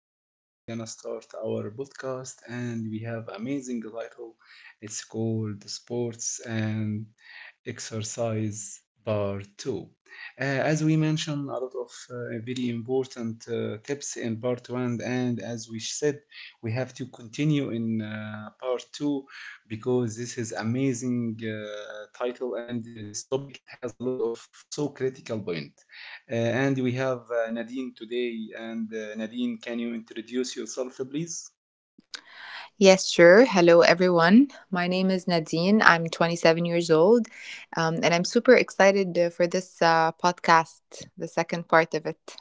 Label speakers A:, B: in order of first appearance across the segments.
A: Today we're gonna start our podcast and we have amazing title. It's called Sports and exercise part two. As we mentioned, a lot of very important tips in part one, and as we said, we have to continue in part two because this is amazing title and this topic it has a lot of so critical point. And we have Nadine today, and Nadine, can you introduce yourself, please?
B: Yes, sure. Hello, everyone. My name is Nadine. I'm 27 years old, and I'm super excited for this podcast, the second part of it.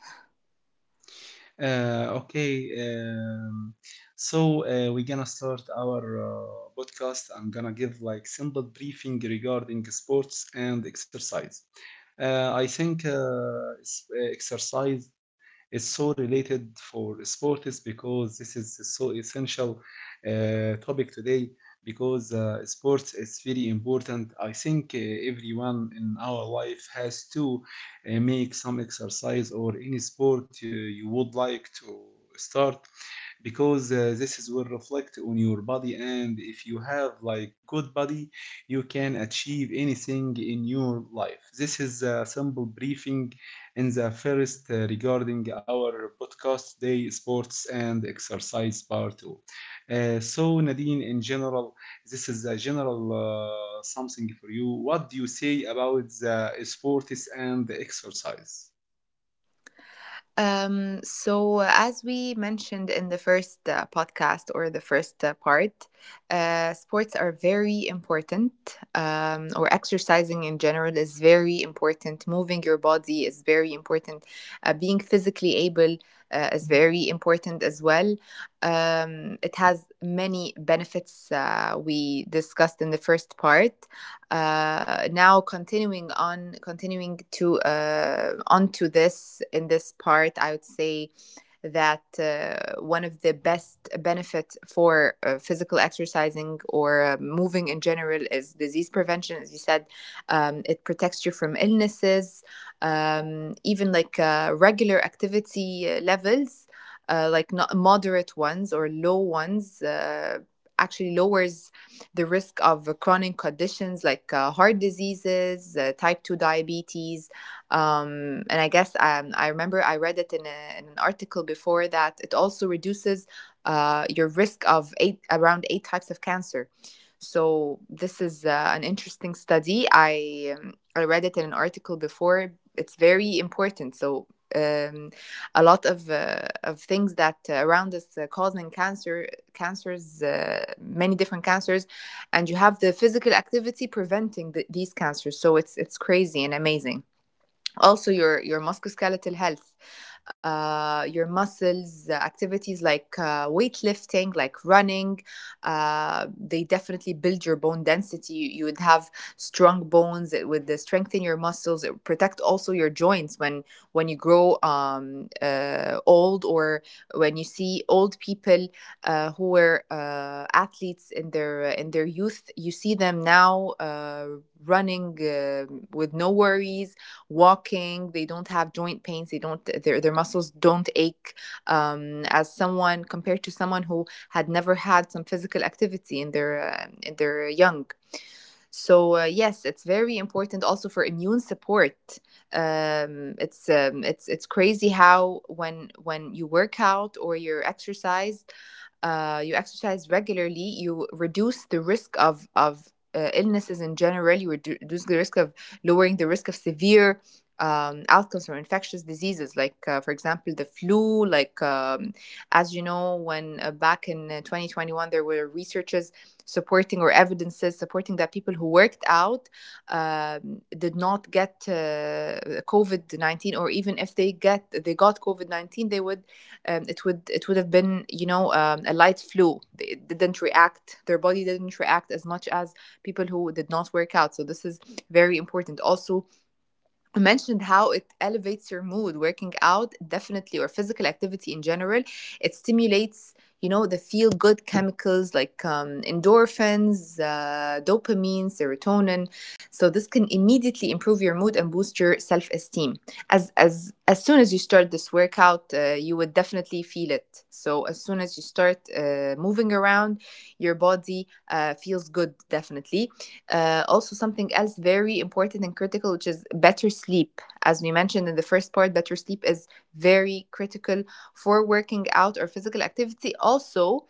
A: Okay, so we're gonna start our podcast. I'm gonna give like simple briefing regarding sports and exercise. I think exercise is so related for sports because this is so essential topic today because sports is very important. I think everyone in our life has to make some exercise or any sport you would like to start, because this is will reflect on your body, and if you have like good body you can achieve anything in your life. This is a simple briefing in the first regarding our podcast today, sports and exercise part 2. So Nadine, in general, this is a general something for you. What do you say about the sports and the exercise?
B: As we mentioned in the first podcast or the first part, sports are very important, or exercising in general is very important. Moving your body is very important. Being physically able is very important as well. It has many benefits we discussed in the first part. Now continuing on continuing to onto this in this part, I would say that one of the best benefits for physical exercising or moving in general is disease prevention, as you said. It protects you from illnesses. Even regular activity levels, like not moderate ones or low ones, actually lowers the risk of chronic conditions like heart diseases, type 2 diabetes. And I guess, I remember I read it in an article before, that it also reduces your risk of eight around eight types of cancer. So this is an interesting study. I read it in an article before. It's very important. Um, a lot of things that around us causing cancers, many different cancers, and you have the physical activity preventing these cancers. So it's crazy and amazing. Also, your musculoskeletal health, your muscles activities like weightlifting, like running, they definitely build your bone density. You would have strong bones. It would strengthen your muscles. It would protect also your joints when you grow old, or when you see old people who were athletes in their youth, you see them now running, with no worries, walking. They don't have joint pains. They don't, their muscles don't ache, as someone, compared to someone who had never had some physical activity in their young. So yes, it's very important also for immune support. It's crazy how when you work out or you're exercised, you exercise regularly, you reduce the risk of illnesses in general. You reduce the risk of lowering the risk of severe outcomes from infectious diseases, like for example the flu. As you know, when back in 2021 there were researches supporting or evidences supporting that people who worked out did not get COVID-19, or even if they got COVID-19, they would, it would, it would have been, a light flu. They didn't react. Their body didn't react as much as people who did not work out. So this is very important. Also, I mentioned how it elevates your mood. Working out definitely, or physical activity in general, it stimulates, you know, the feel good chemicals like endorphins, dopamine, serotonin. So this can immediately improve your mood and boost your self esteem As soon as you start this workout, you would definitely feel it. So as soon as you start moving around, your body feels good, definitely. Also, something else very important and critical, which is better sleep. As we mentioned in the first part, better sleep is very critical for working out or physical activity. Also,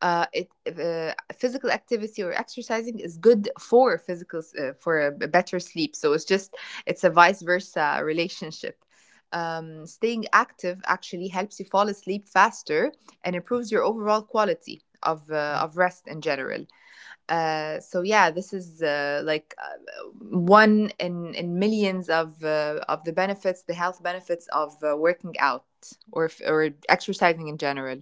B: physical activity or exercising is good for physical for a better sleep. So it's just, it's a vice versa relationship. Staying active actually helps you fall asleep faster and improves your overall quality of rest in general. So yeah, this is like one in millions of the benefits, the health benefits of working out or exercising in general.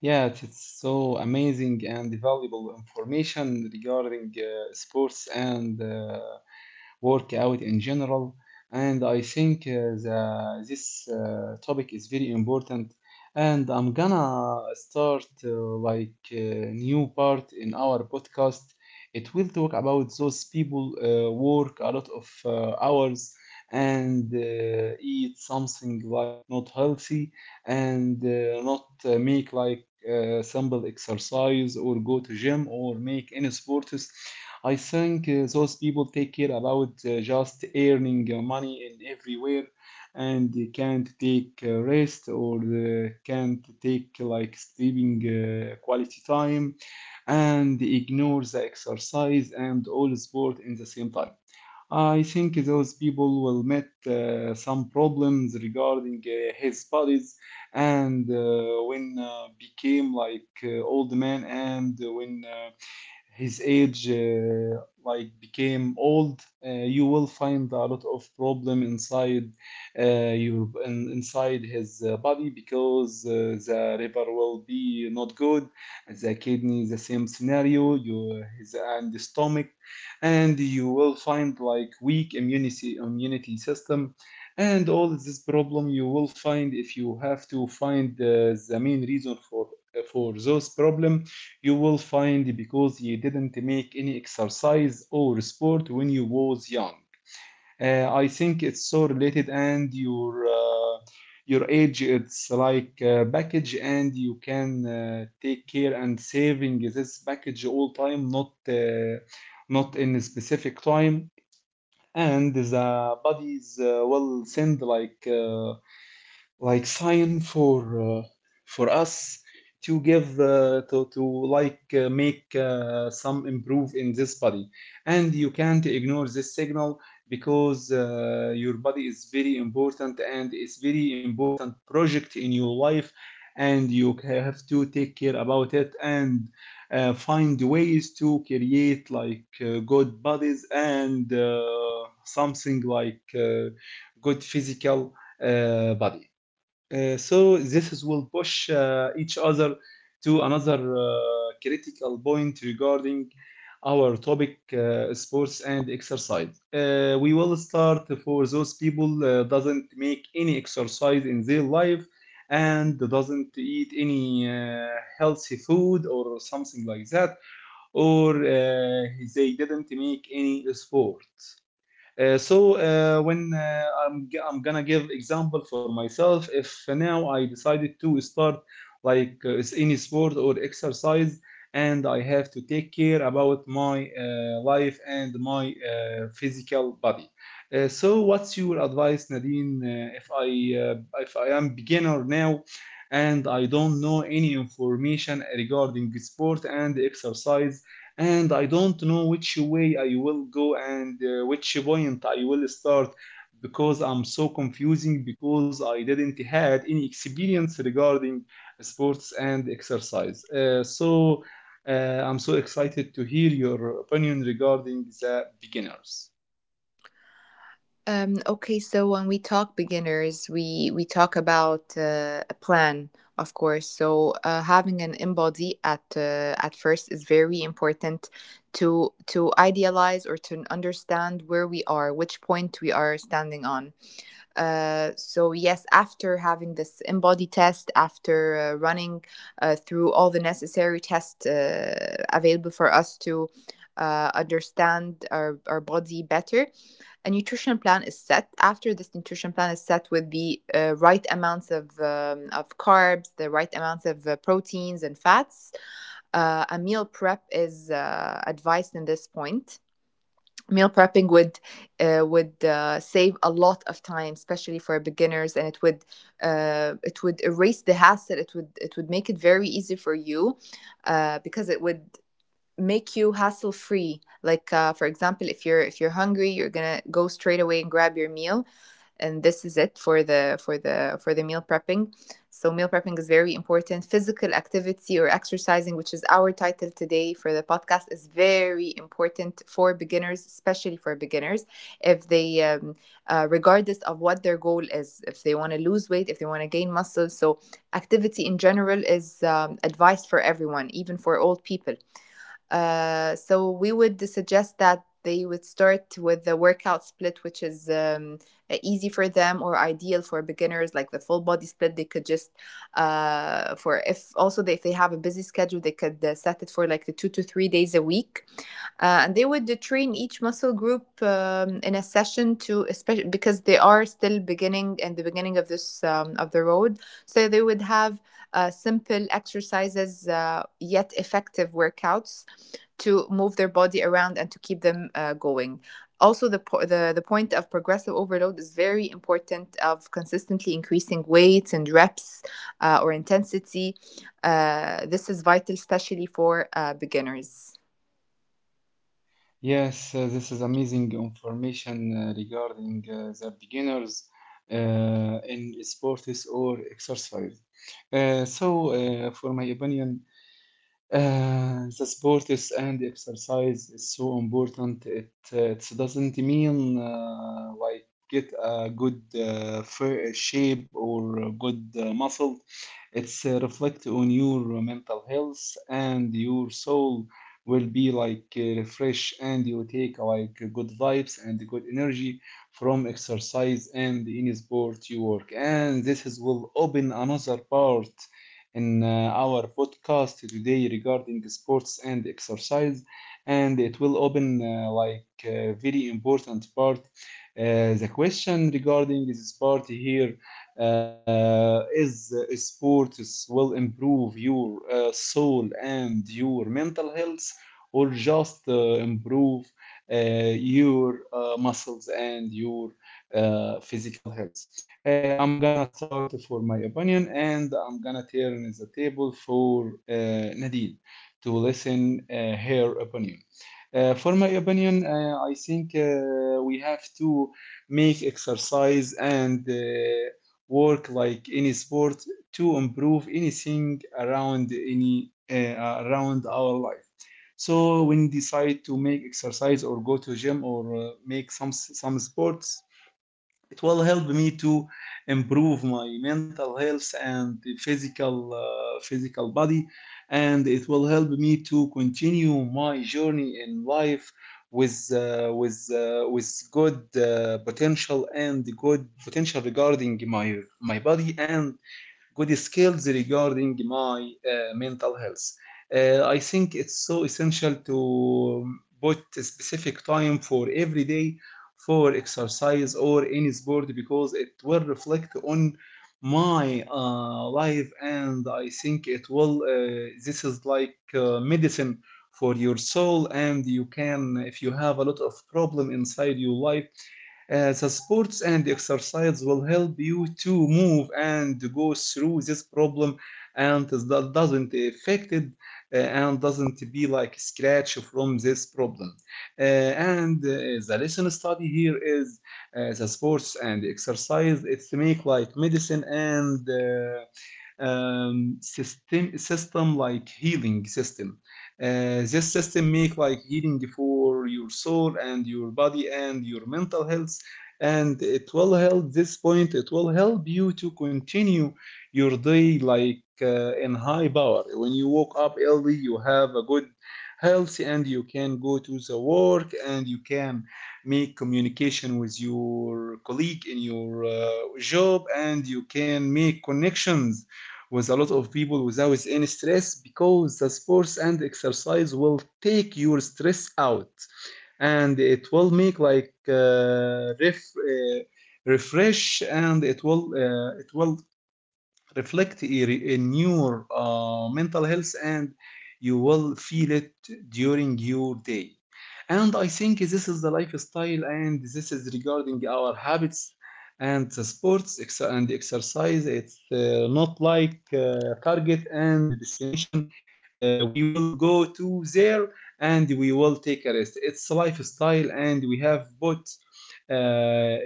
A: Yeah, it's so amazing and valuable information regarding sports and work out in general. And I think this topic is very important. And I'm gonna start like a new part in our podcast. It will talk about those people work a lot of hours and eat something like not healthy, and not make like simple exercise or go to gym or make any sports. I think those people take care about just earning money in everywhere, and they can't take rest or can't take like sleeping quality time, and they ignore the exercise and all sport in the same time. I think those people will meet some problems regarding his bodies, and when became like old man, and when his age like became old, you will find a lot of problem inside inside his body, because the liver will be not good, the kidney the same scenario you his and the stomach, and you will find like weak immunity system, and all this problem you will find. If you have to find the main reason for those problem, you will find because you didn't make any exercise or sport when you was young. I think it's so related, and your age it's like a package, and you can take care and saving this package all time, not in a specific time, and the bodies will send like sign for us to give to like make some improve in this body, and you can't ignore this signal, because your body is very important, and it's very important project in your life, and you have to take care about it, and find ways to create like good bodies and something like good physical body. So this will push each other to another critical point regarding our topic, sports and exercise. We will start for those people doesn't make any exercise in their life and doesn't eat any healthy food or something like that, or they didn't make any sport. So when I'm gonna give example for myself. If now I decided to start like any sport or exercise, and I have to take care about my life and my physical body. So what's your advice, Nadine, if I uh, if I am beginner now, and I don't know any information regarding sport and exercise, and I don't know which way I will go, and which point I will start, because I'm so confusing because I didn't had any experience regarding sports and exercise. So uh, I'm so excited to hear your opinion regarding the beginners.
B: Okay, so when we talk beginners, we talk about a plan, of course. So having an in body at first is very important to idealize or to understand where we are, which point we are standing on. So yes, after having this in-body test, after running through all the necessary tests available for us to understand our body better, a nutrition plan is set. After this nutrition plan is set with the right amounts of carbs, the right amounts of proteins and fats, a meal prep is advised in this point. Meal prepping would save a lot of time, especially for beginners, and it would it would erase the hassle. It would make it very easy for you, because it would make you hassle free like for example, if you're hungry, you're gonna go straight away and grab your meal, and this is it for the for the for the meal prepping. So meal prepping is very important. Physical activity or exercising, which is our title today for the podcast, is very important for beginners, especially for beginners. If they regardless of what their goal is, if they want to lose weight, if they want to gain muscle, so activity in general is advice for everyone, even for old people. So we would suggest that they would start with the workout split, which is easy for them or ideal for beginners, like the full body split. They could just for if also they, if they have a busy schedule, they could set it for like the 2 to 3 days a week, and they would train each muscle group in a session, to especially because they are still beginning, in the beginning of this of the road. So they would have simple exercises, yet effective workouts, to move their body around and to keep them going. Also, the point of progressive overload is very important, of consistently increasing weights and reps, or intensity. This is vital, especially for beginners.
A: Yes, this is amazing information regarding the beginners uh, in sports or exercise. So, for my opinion, the sports and exercise is so important. It doesn't mean like get a good shape or a good muscle. It's reflect on your mental health, and your soul will be like refresh, and you take like good vibes and good energy from exercise and any sport you work. And this is will open another part in our podcast today regarding sports and exercise, and it will open like a very important part. The question regarding this part here is, sports will improve your soul and your mental health, or just improve your muscles and your physical health? uh, I'm gonna start for my opinion, and I'm gonna turn the table for Nadine to listen her opinion. For my opinion, I think we have to make exercise and work like any sport to improve anything around any around our life. So when decide to make exercise or go to gym or make some sports, it will help me to improve my mental health and physical physical body, and it will help me to continue my journey in life with uh, with uh, with good potential, and good potential regarding my my body, and good skills regarding my mental health. I think it's so essential to put a specific time for every day for exercise or any sport, because it will reflect on my life, and I think it will this is like medicine for your soul. And you can, if you have a lot of problem inside your life, the sports and exercise will help you to move and go through this problem, and that doesn't affect it, and doesn't be like scratch from this problem. Uh, and the lesson study here is, the sports and exercise it's make like medicine and system like healing system. This system make like healing for your soul and your body and your mental health, and it will help this point. It will help you to continue your day like in high power. When you woke up early, you have a good health, and you can go to the work, and you can make communication with your colleague in your job, and you can make connections with a lot of people without any stress, because the sports and exercise will take your stress out, and it will make like refresh, and it will reflect in your mental health, and you will feel it during your day. And I think this is the lifestyle, and this is regarding our habits, and the sports and exercise it's not like target and destination. We will go to there, and we will take a rest. It's a lifestyle, and we have both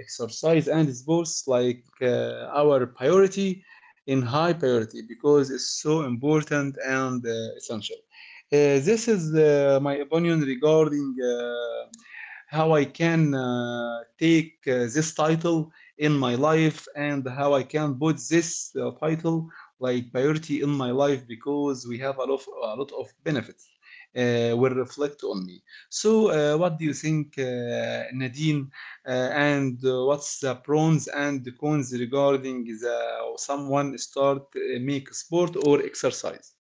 A: exercise and sports like our priority in high priority, because it's so important and essential. This is my opinion regarding how I can take this title in my life, and how I can put this title like priority in my life, because we have a lot of benefits will reflect on me. So, what do you think, Nadine? And what's the pros and the cons regarding the someone start make sport or exercise?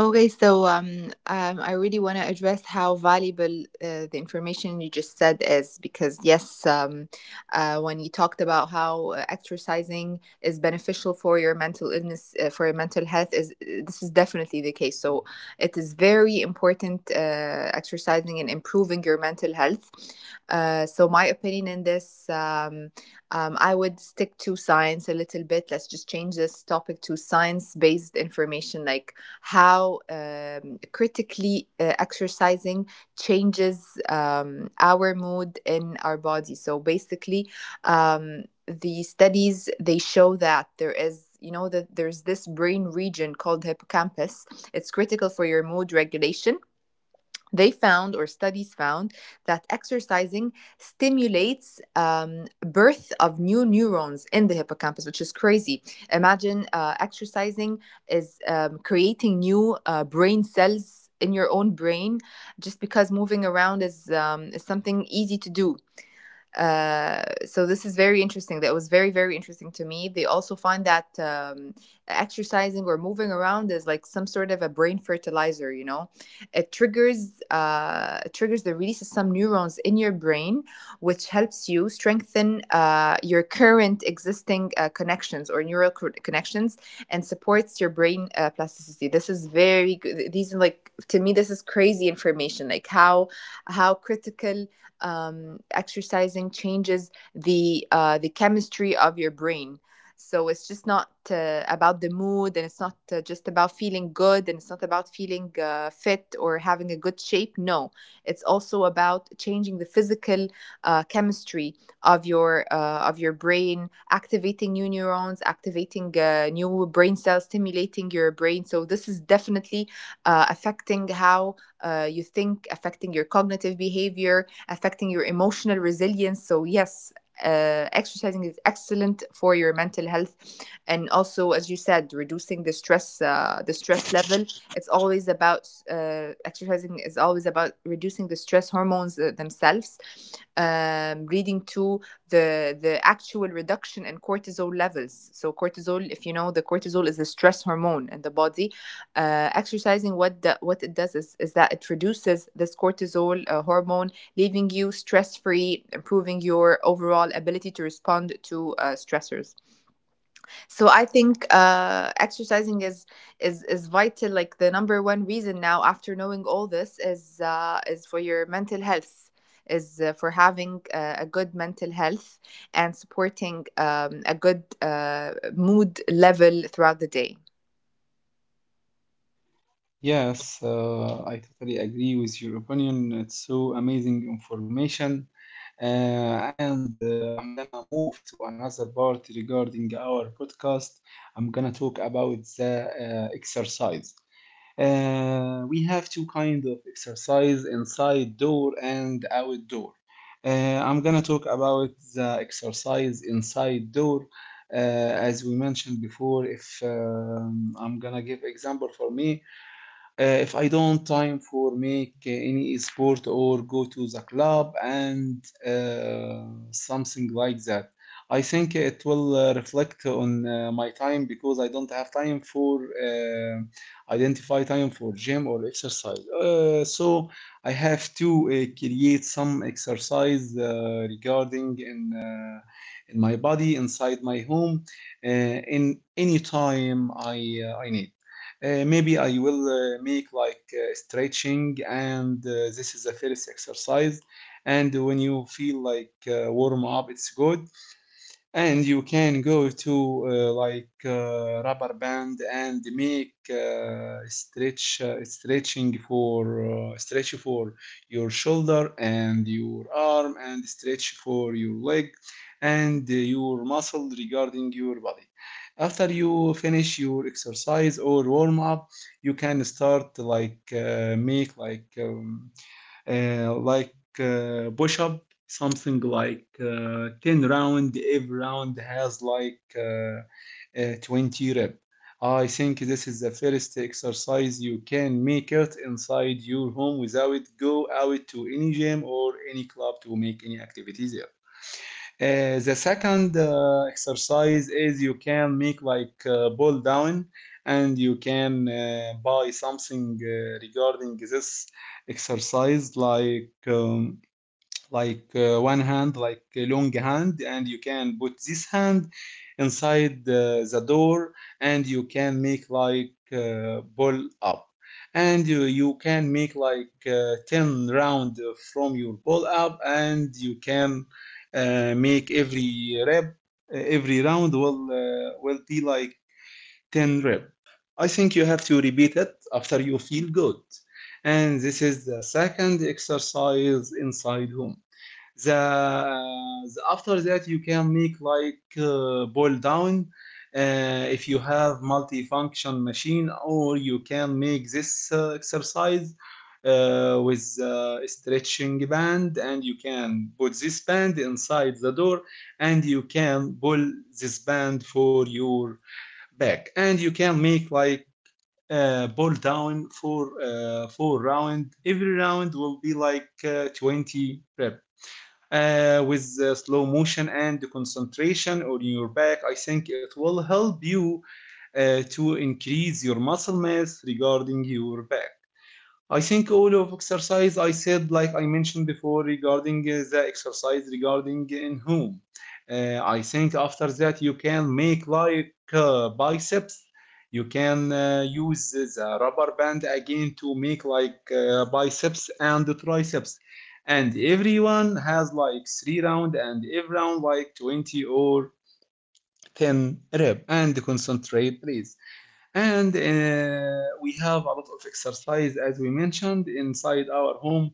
B: Okay, so I really want to address how valuable the information you just said is, because yes, when you talked about how exercising is beneficial for your mental illness, for your mental health, is this is definitely the case. So it is very important, exercising and improving your mental health. So my opinion in this, I would stick to science a little bit. Let's just change this topic to science-based information, like how critically exercising changes our mood in our body. So basically, the studies, they show that there is, you know, that there's this brain region called hippocampus. It's critical for your mood regulation. They found, or studies found, that exercising stimulates birth of new neurons in the hippocampus, which is crazy. Imagine exercising is creating new brain cells in your own brain, just because moving around is something easy to do. So this is very interesting. That was very, very interesting to me. They also find that exercising or moving around is like some sort of a brain fertilizer. You know, it triggers the release of some neurons in your brain, which helps you strengthen your current existing connections or neural connections, and supports your brain plasticity. This is very good. These are, like, to me, this is crazy information. Like how critical exercising changes the chemistry of your brain. So it's just not about the mood, and it's not just about feeling good, and it's not about feeling fit or having a good shape. No, it's also about changing the physical chemistry of your brain, activating new neurons, activating new brain cells, stimulating your brain. So this is definitely affecting how you think, affecting your cognitive behavior, affecting your emotional resilience. So yes, exercising is excellent for your mental health, and also, as you said, reducing the stress, the stress level. It's always about exercising is always about reducing the stress hormones themselves, leading to the actual reduction in cortisol levels. So cortisol, if you know, the cortisol is a stress hormone in the body. Exercising, what what it does is that it reduces this cortisol hormone, leaving you stress free, improving your overall ability to respond to stressors. So I think exercising is is vital. Like, the number one reason now, after knowing all this, is for your mental health. Is For having a good mental health and supporting a good mood level throughout the day.
A: Yes, I totally agree with your opinion. It's so amazing information. And I'm gonna move to another part regarding our podcast. I'm gonna talk about the exercise. We have two kind of exercise, inside door and outdoor. I'm gonna talk about the exercise inside door. As we mentioned before, if I'm gonna give example for me, if I don't time for make any sport or go to the club and something like that, I think it will reflect on my time, because I don't have time for identify time for gym or exercise. So I have to create some exercise regarding in in my body inside my home in any time I need. Maybe I will make like stretching, and this is the first exercise. And when you feel like warm up, it's good and you can go to rubber band and make stretching for stretch for your shoulder and your arm, and stretch for your leg and your muscle regarding your body. After you finish your exercise or warm up, you can start like push up, something like 10 round, every round has like 20 rep. I think this is the first exercise you can make it inside your home without go out to any gym or any club to make any activities. The second exercise is you can make like pull down, and you can buy something regarding this exercise, like one hand, like a long hand, and you can put this hand inside the door, and you can make like ball up, and you can make like ten round from your ball up, and you can make every rep, every round will be like ten rep. I think you have to repeat it after you feel good. And this is the second exercise inside home. The, the After that you can make like boil down, if you have multifunction machine, or you can make this exercise with a stretching band, and you can put this band inside the door, and you can pull this band for your back, and you can make like pull down for four round, every round will be like 20 reps, with slow motion and concentration on your back. I think it will help you to increase your muscle mass regarding your back. I think all of exercise I said, like I mentioned before, regarding the exercise, regarding in whom. I think after that you can make like biceps. You can use the rubber band again to make like biceps and the triceps. And everyone has like three round, and every round like 20 or 10 rep, and concentrate, please. And We have a lot of exercise as we mentioned inside our home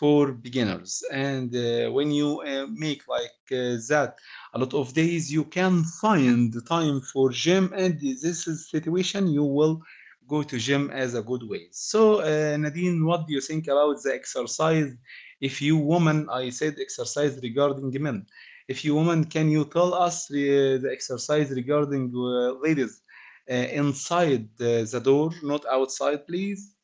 A: for beginners, and when you make like that a lot of days, you can find the time for gym, and this is situation you will go to gym as a good way. So Nadine, what do you think about the exercise? If you woman, I said exercise regarding men. If you woman, can you tell us the exercise regarding ladies inside the door, not outside, please.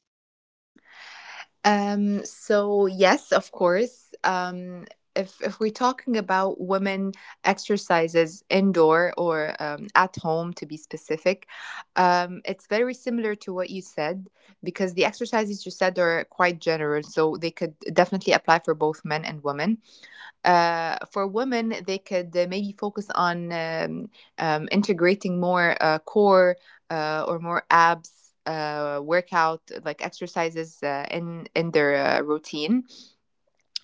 B: So yes, of course. If we're talking about women exercises indoor or at home, to be specific, it's very similar to what you said because the exercises you said are quite general, so they could definitely apply for both men and women. For women, they could maybe focus on integrating more core or more abs workout like exercises in their routine.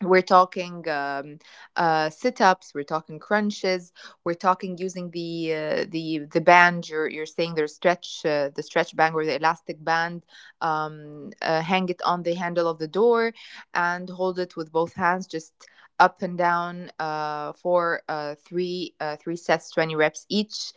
B: We're talking sit-ups, we're talking crunches, we're talking using the the band you're saying, there's stretch, the stretch band or the elastic band. Hang it on the handle of the door and hold it with both hands, just up and down, for three sets, 20 reps each.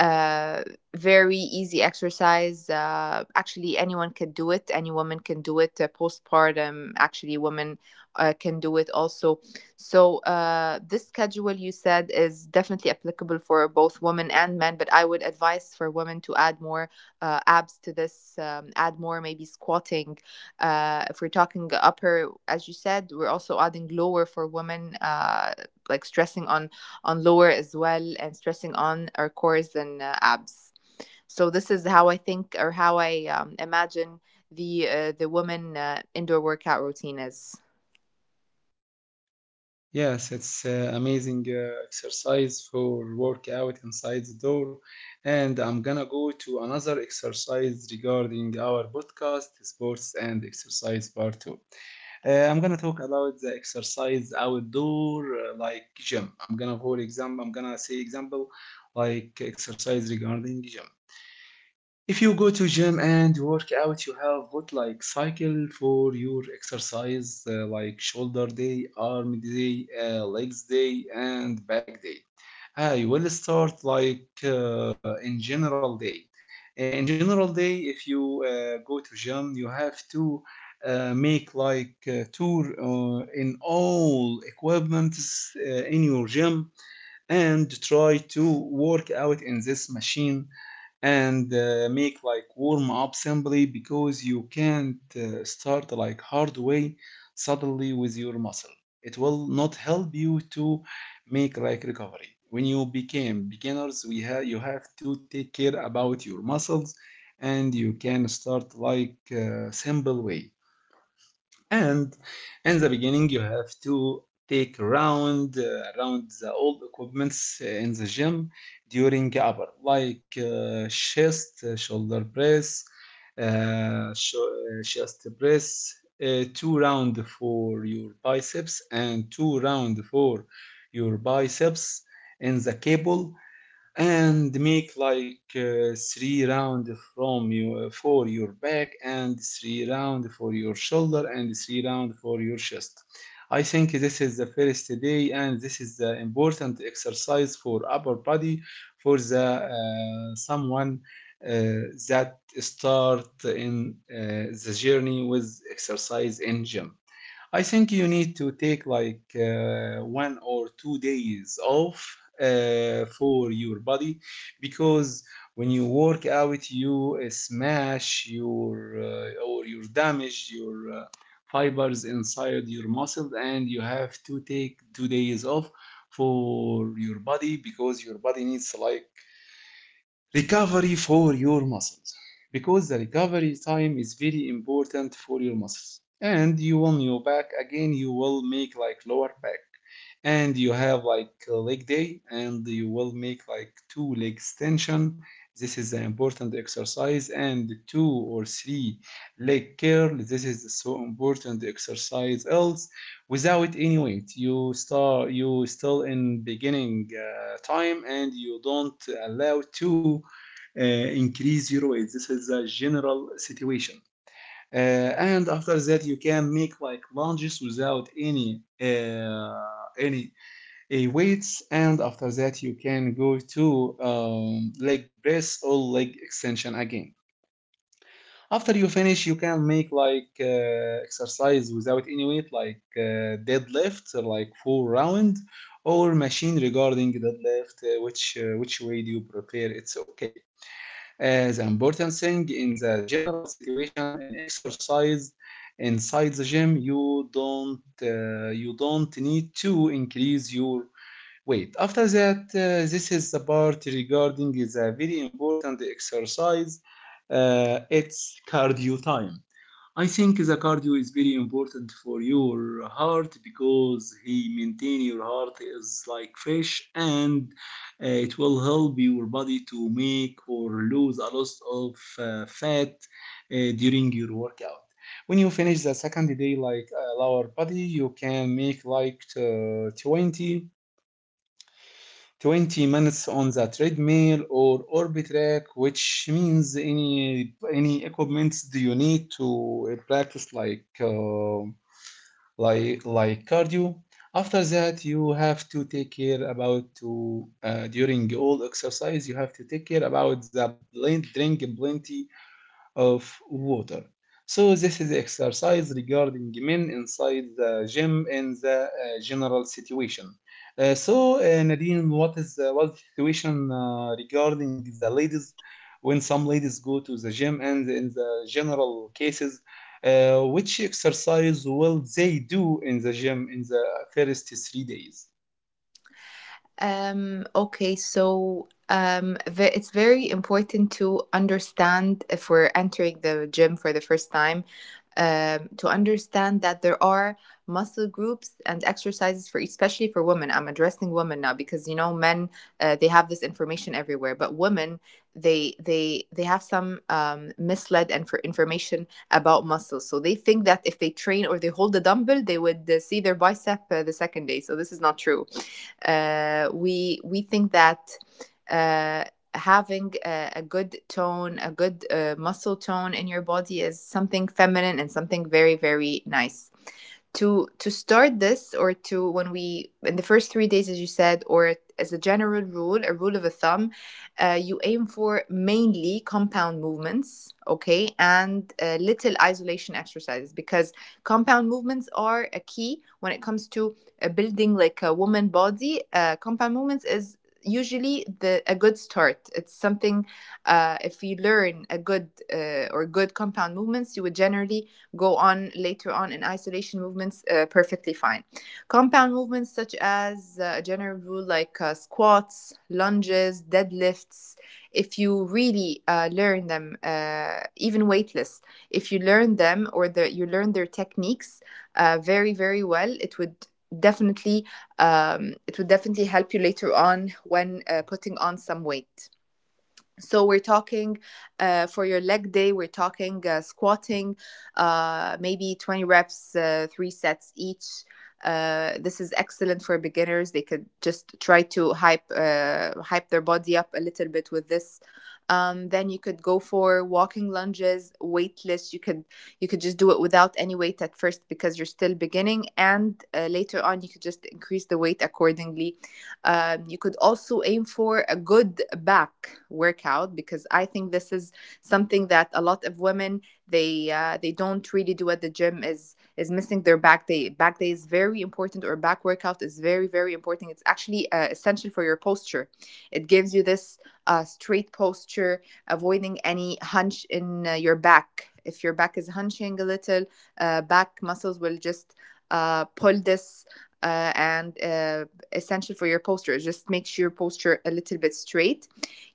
B: uh Very easy exercise. Actually anyone can do it, any woman can do it. Postpartum actually women can do it also. So this schedule you said is definitely applicable for both women and men, but I would advise for women to add more abs to this, add more maybe squatting. If we're talking upper, as you said, we're also adding lower for women, like stressing on lower as well and stressing on our cores and abs. So this is how I think, or how I imagine the woman indoor workout routine is.
A: Yes, it's amazing exercise for workout inside the door. And I'm gonna go to another exercise regarding our podcast, sports and exercise part two. I'm gonna talk about the exercise outdoor, like gym. I'm gonna, for example, I'm gonna say example like exercise regarding gym. If you go to gym and work out, you have what like cycle for your exercise, like shoulder day, arm day, legs day, and back day. I will start like in general day. In general day, if you go to gym, you have to make like tour in all equipments in your gym, and try to work out in this machine, and make like warm up simply, because you can't start like hard way suddenly with your muscle. It will not help you to make like recovery. When you became beginners, we have, you have to take care about your muscles, and you can start like simple way. And in the beginning, you have to take around around the old equipments in the gym, during upper like chest, shoulder press, uh, sho- chest press, two round for your biceps, and two round for your biceps in the cable, and make like three round from you for your back, and three round for your shoulder, and three round for your chest. I think this is the first day, and this is the important exercise for upper body for the someone uh, that start in the journey with exercise in gym. I think you need to take like 1 or 2 days off for your body, because when you work out, you smash your or you damage your fibers inside your muscle, and you have to take 2 days off for your body, because your body needs like recovery for your muscles, because the recovery time is very important for your muscles. And you on your back again, you will make like lower back, and you have like leg day, and you will make like two leg extension. This is an important exercise, and two or three leg curl. This is so important exercise else, without any weight. You start, you still in beginning time, and you don't allow to uh, increase your weight. This is a general situation. And after that, you can make like lunges without any weights. And after that, you can go to leg press or leg extension again. After you finish, you can make like exercise without any weight, like deadlift, like full round, or machine regarding deadlift. Which which way do you prefer? It's okay. As the important thing in the general situation in exercise inside the gym, you don't, you don't need to increase your weight. After that, this is the part regarding the very important exercise. It's cardio time. I think the cardio is very important for your heart, because he maintain your heart is like fresh, and it will help your body to make or lose a lot of fat during your workout. When you finish the second day, like lower body, you can make like 20. 20 minutes on the treadmill or orbit rack, which means any equipment do you need to practice like cardio. After that, you have to take care about to during all exercise, you have to take care about the blend, drink plenty of water. So this is the exercise regarding men inside the gym in the general situation. So Nadine, what is what's situation regarding the ladies when some ladies go to the gym, and in the general cases, which exercise will they do in the gym in the first 3 days?
B: Okay, so it's very important to understand, if we're entering the gym for the first time, to understand that there are muscle groups and exercises for, especially for women. I'm addressing women now because, you know, men, they have this information everywhere, but women, they have some misled and for information about muscles. So they think that if they train or they hold the dumbbell, they would see their bicep the second day. So this is not true, we think that. Uh, Having a, good tone, a good muscle tone in your body is something feminine and something very, very nice. To start this, or to when we in the first 3 days, as you said, or as a general rule, a rule of a thumb, you aim for mainly compound movements, okay, and little isolation exercises, because compound movements are a key when it comes to building like a woman body. Compound movements is usually the a good start. It's something if you learn a good or good compound movements, you would generally go on later on in isolation movements perfectly fine. Compound movements such as a general rule like squats, lunges, deadlifts. If you really learn them, even weightless, if you learn them, or the, you learn their techniques very very well, definitely it would definitely help you later on when putting on some weight. So we're talking for your leg day, we're talking squatting maybe 20 reps, three sets each. This is excellent for beginners. They could just try to hype their body up a little bit with this. Then you could go for walking lunges weightless. You could, you could just do it without any weight at first because you're still beginning, and later on you could just increase the weight accordingly. You could also aim for a good back workout, because I think this is something that a lot of women, they don't really do at the gym, is missing their back day. Back day is very important, or back workout is very very important. It's actually essential for your posture. It gives you this straight posture, avoiding any hunch in your back. If your back is hunching a little, back muscles will just pull this and essential for your posture. Just make sure your posture a little bit straight.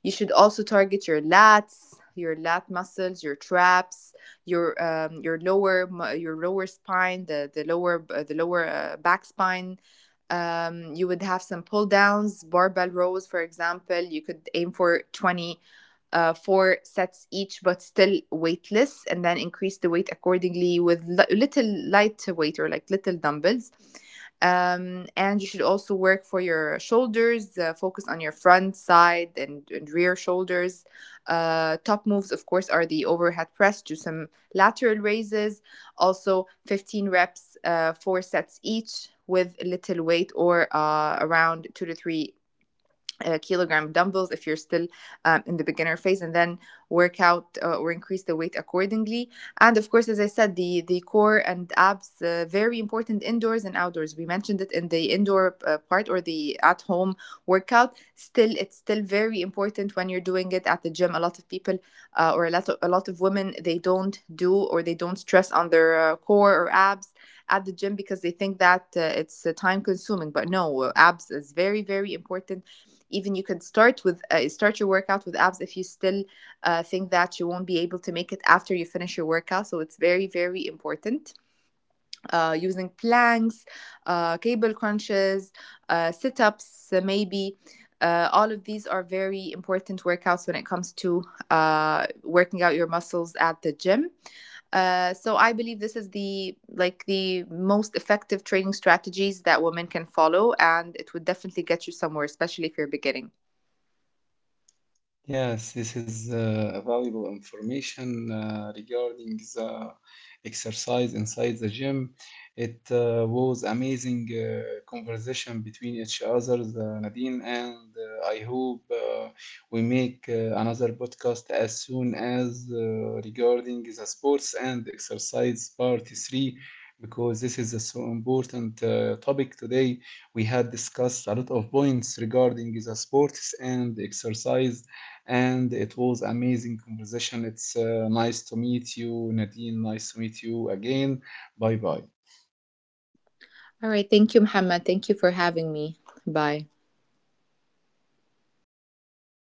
B: You should also target your lats, your lat muscles, your traps, your lower, your lower spine, the lower the lower back spine. You would have some pull downs, barbell rows, for example. You could aim for 20 four sets each, but still weightless, and then increase the weight accordingly with little light weight or like little dumbbells. And you should also work for your shoulders, focus on your front, side, and rear shoulders. Top moves, of course, are the overhead press, do some lateral raises, also 15 reps, four sets each with little weight or around two to three a kilogram of dumbbells if you're still in the beginner phase, and then work out or increase the weight accordingly. And of course, as I said, the core and abs, very important indoors and outdoors. We mentioned it in the indoor part, or the at home workout. Still, it's still very important when you're doing it at the gym. A lot of people, or a lot of women, they don't do or they don't stress on their core or abs at the gym because they think that it's time consuming, but no, abs is very very important. Even you could start with start your workout with abs if you still think that you won't be able to make it after you finish your workout. So it's very very important, using planks, cable crunches, sit-ups, maybe all of these are very important workouts when it comes to working out your muscles at the gym. So I believe this is the the most effective training strategies that women can follow, and it would definitely get you somewhere, especially if you're beginning.
A: Yes, this is valuable information regarding the exercise inside the gym. It was amazing conversation between each other, Nadine, and I hope we make another podcast as soon as regarding the sports and exercise part three, because this is a so important topic. Today we had discussed a lot of points regarding the sports and exercise, and it was amazing conversation. It's nice to meet you, Nadine. Nice to meet you again. Bye bye.
B: All right. Thank you, Muhammad. Thank you for having me. Bye.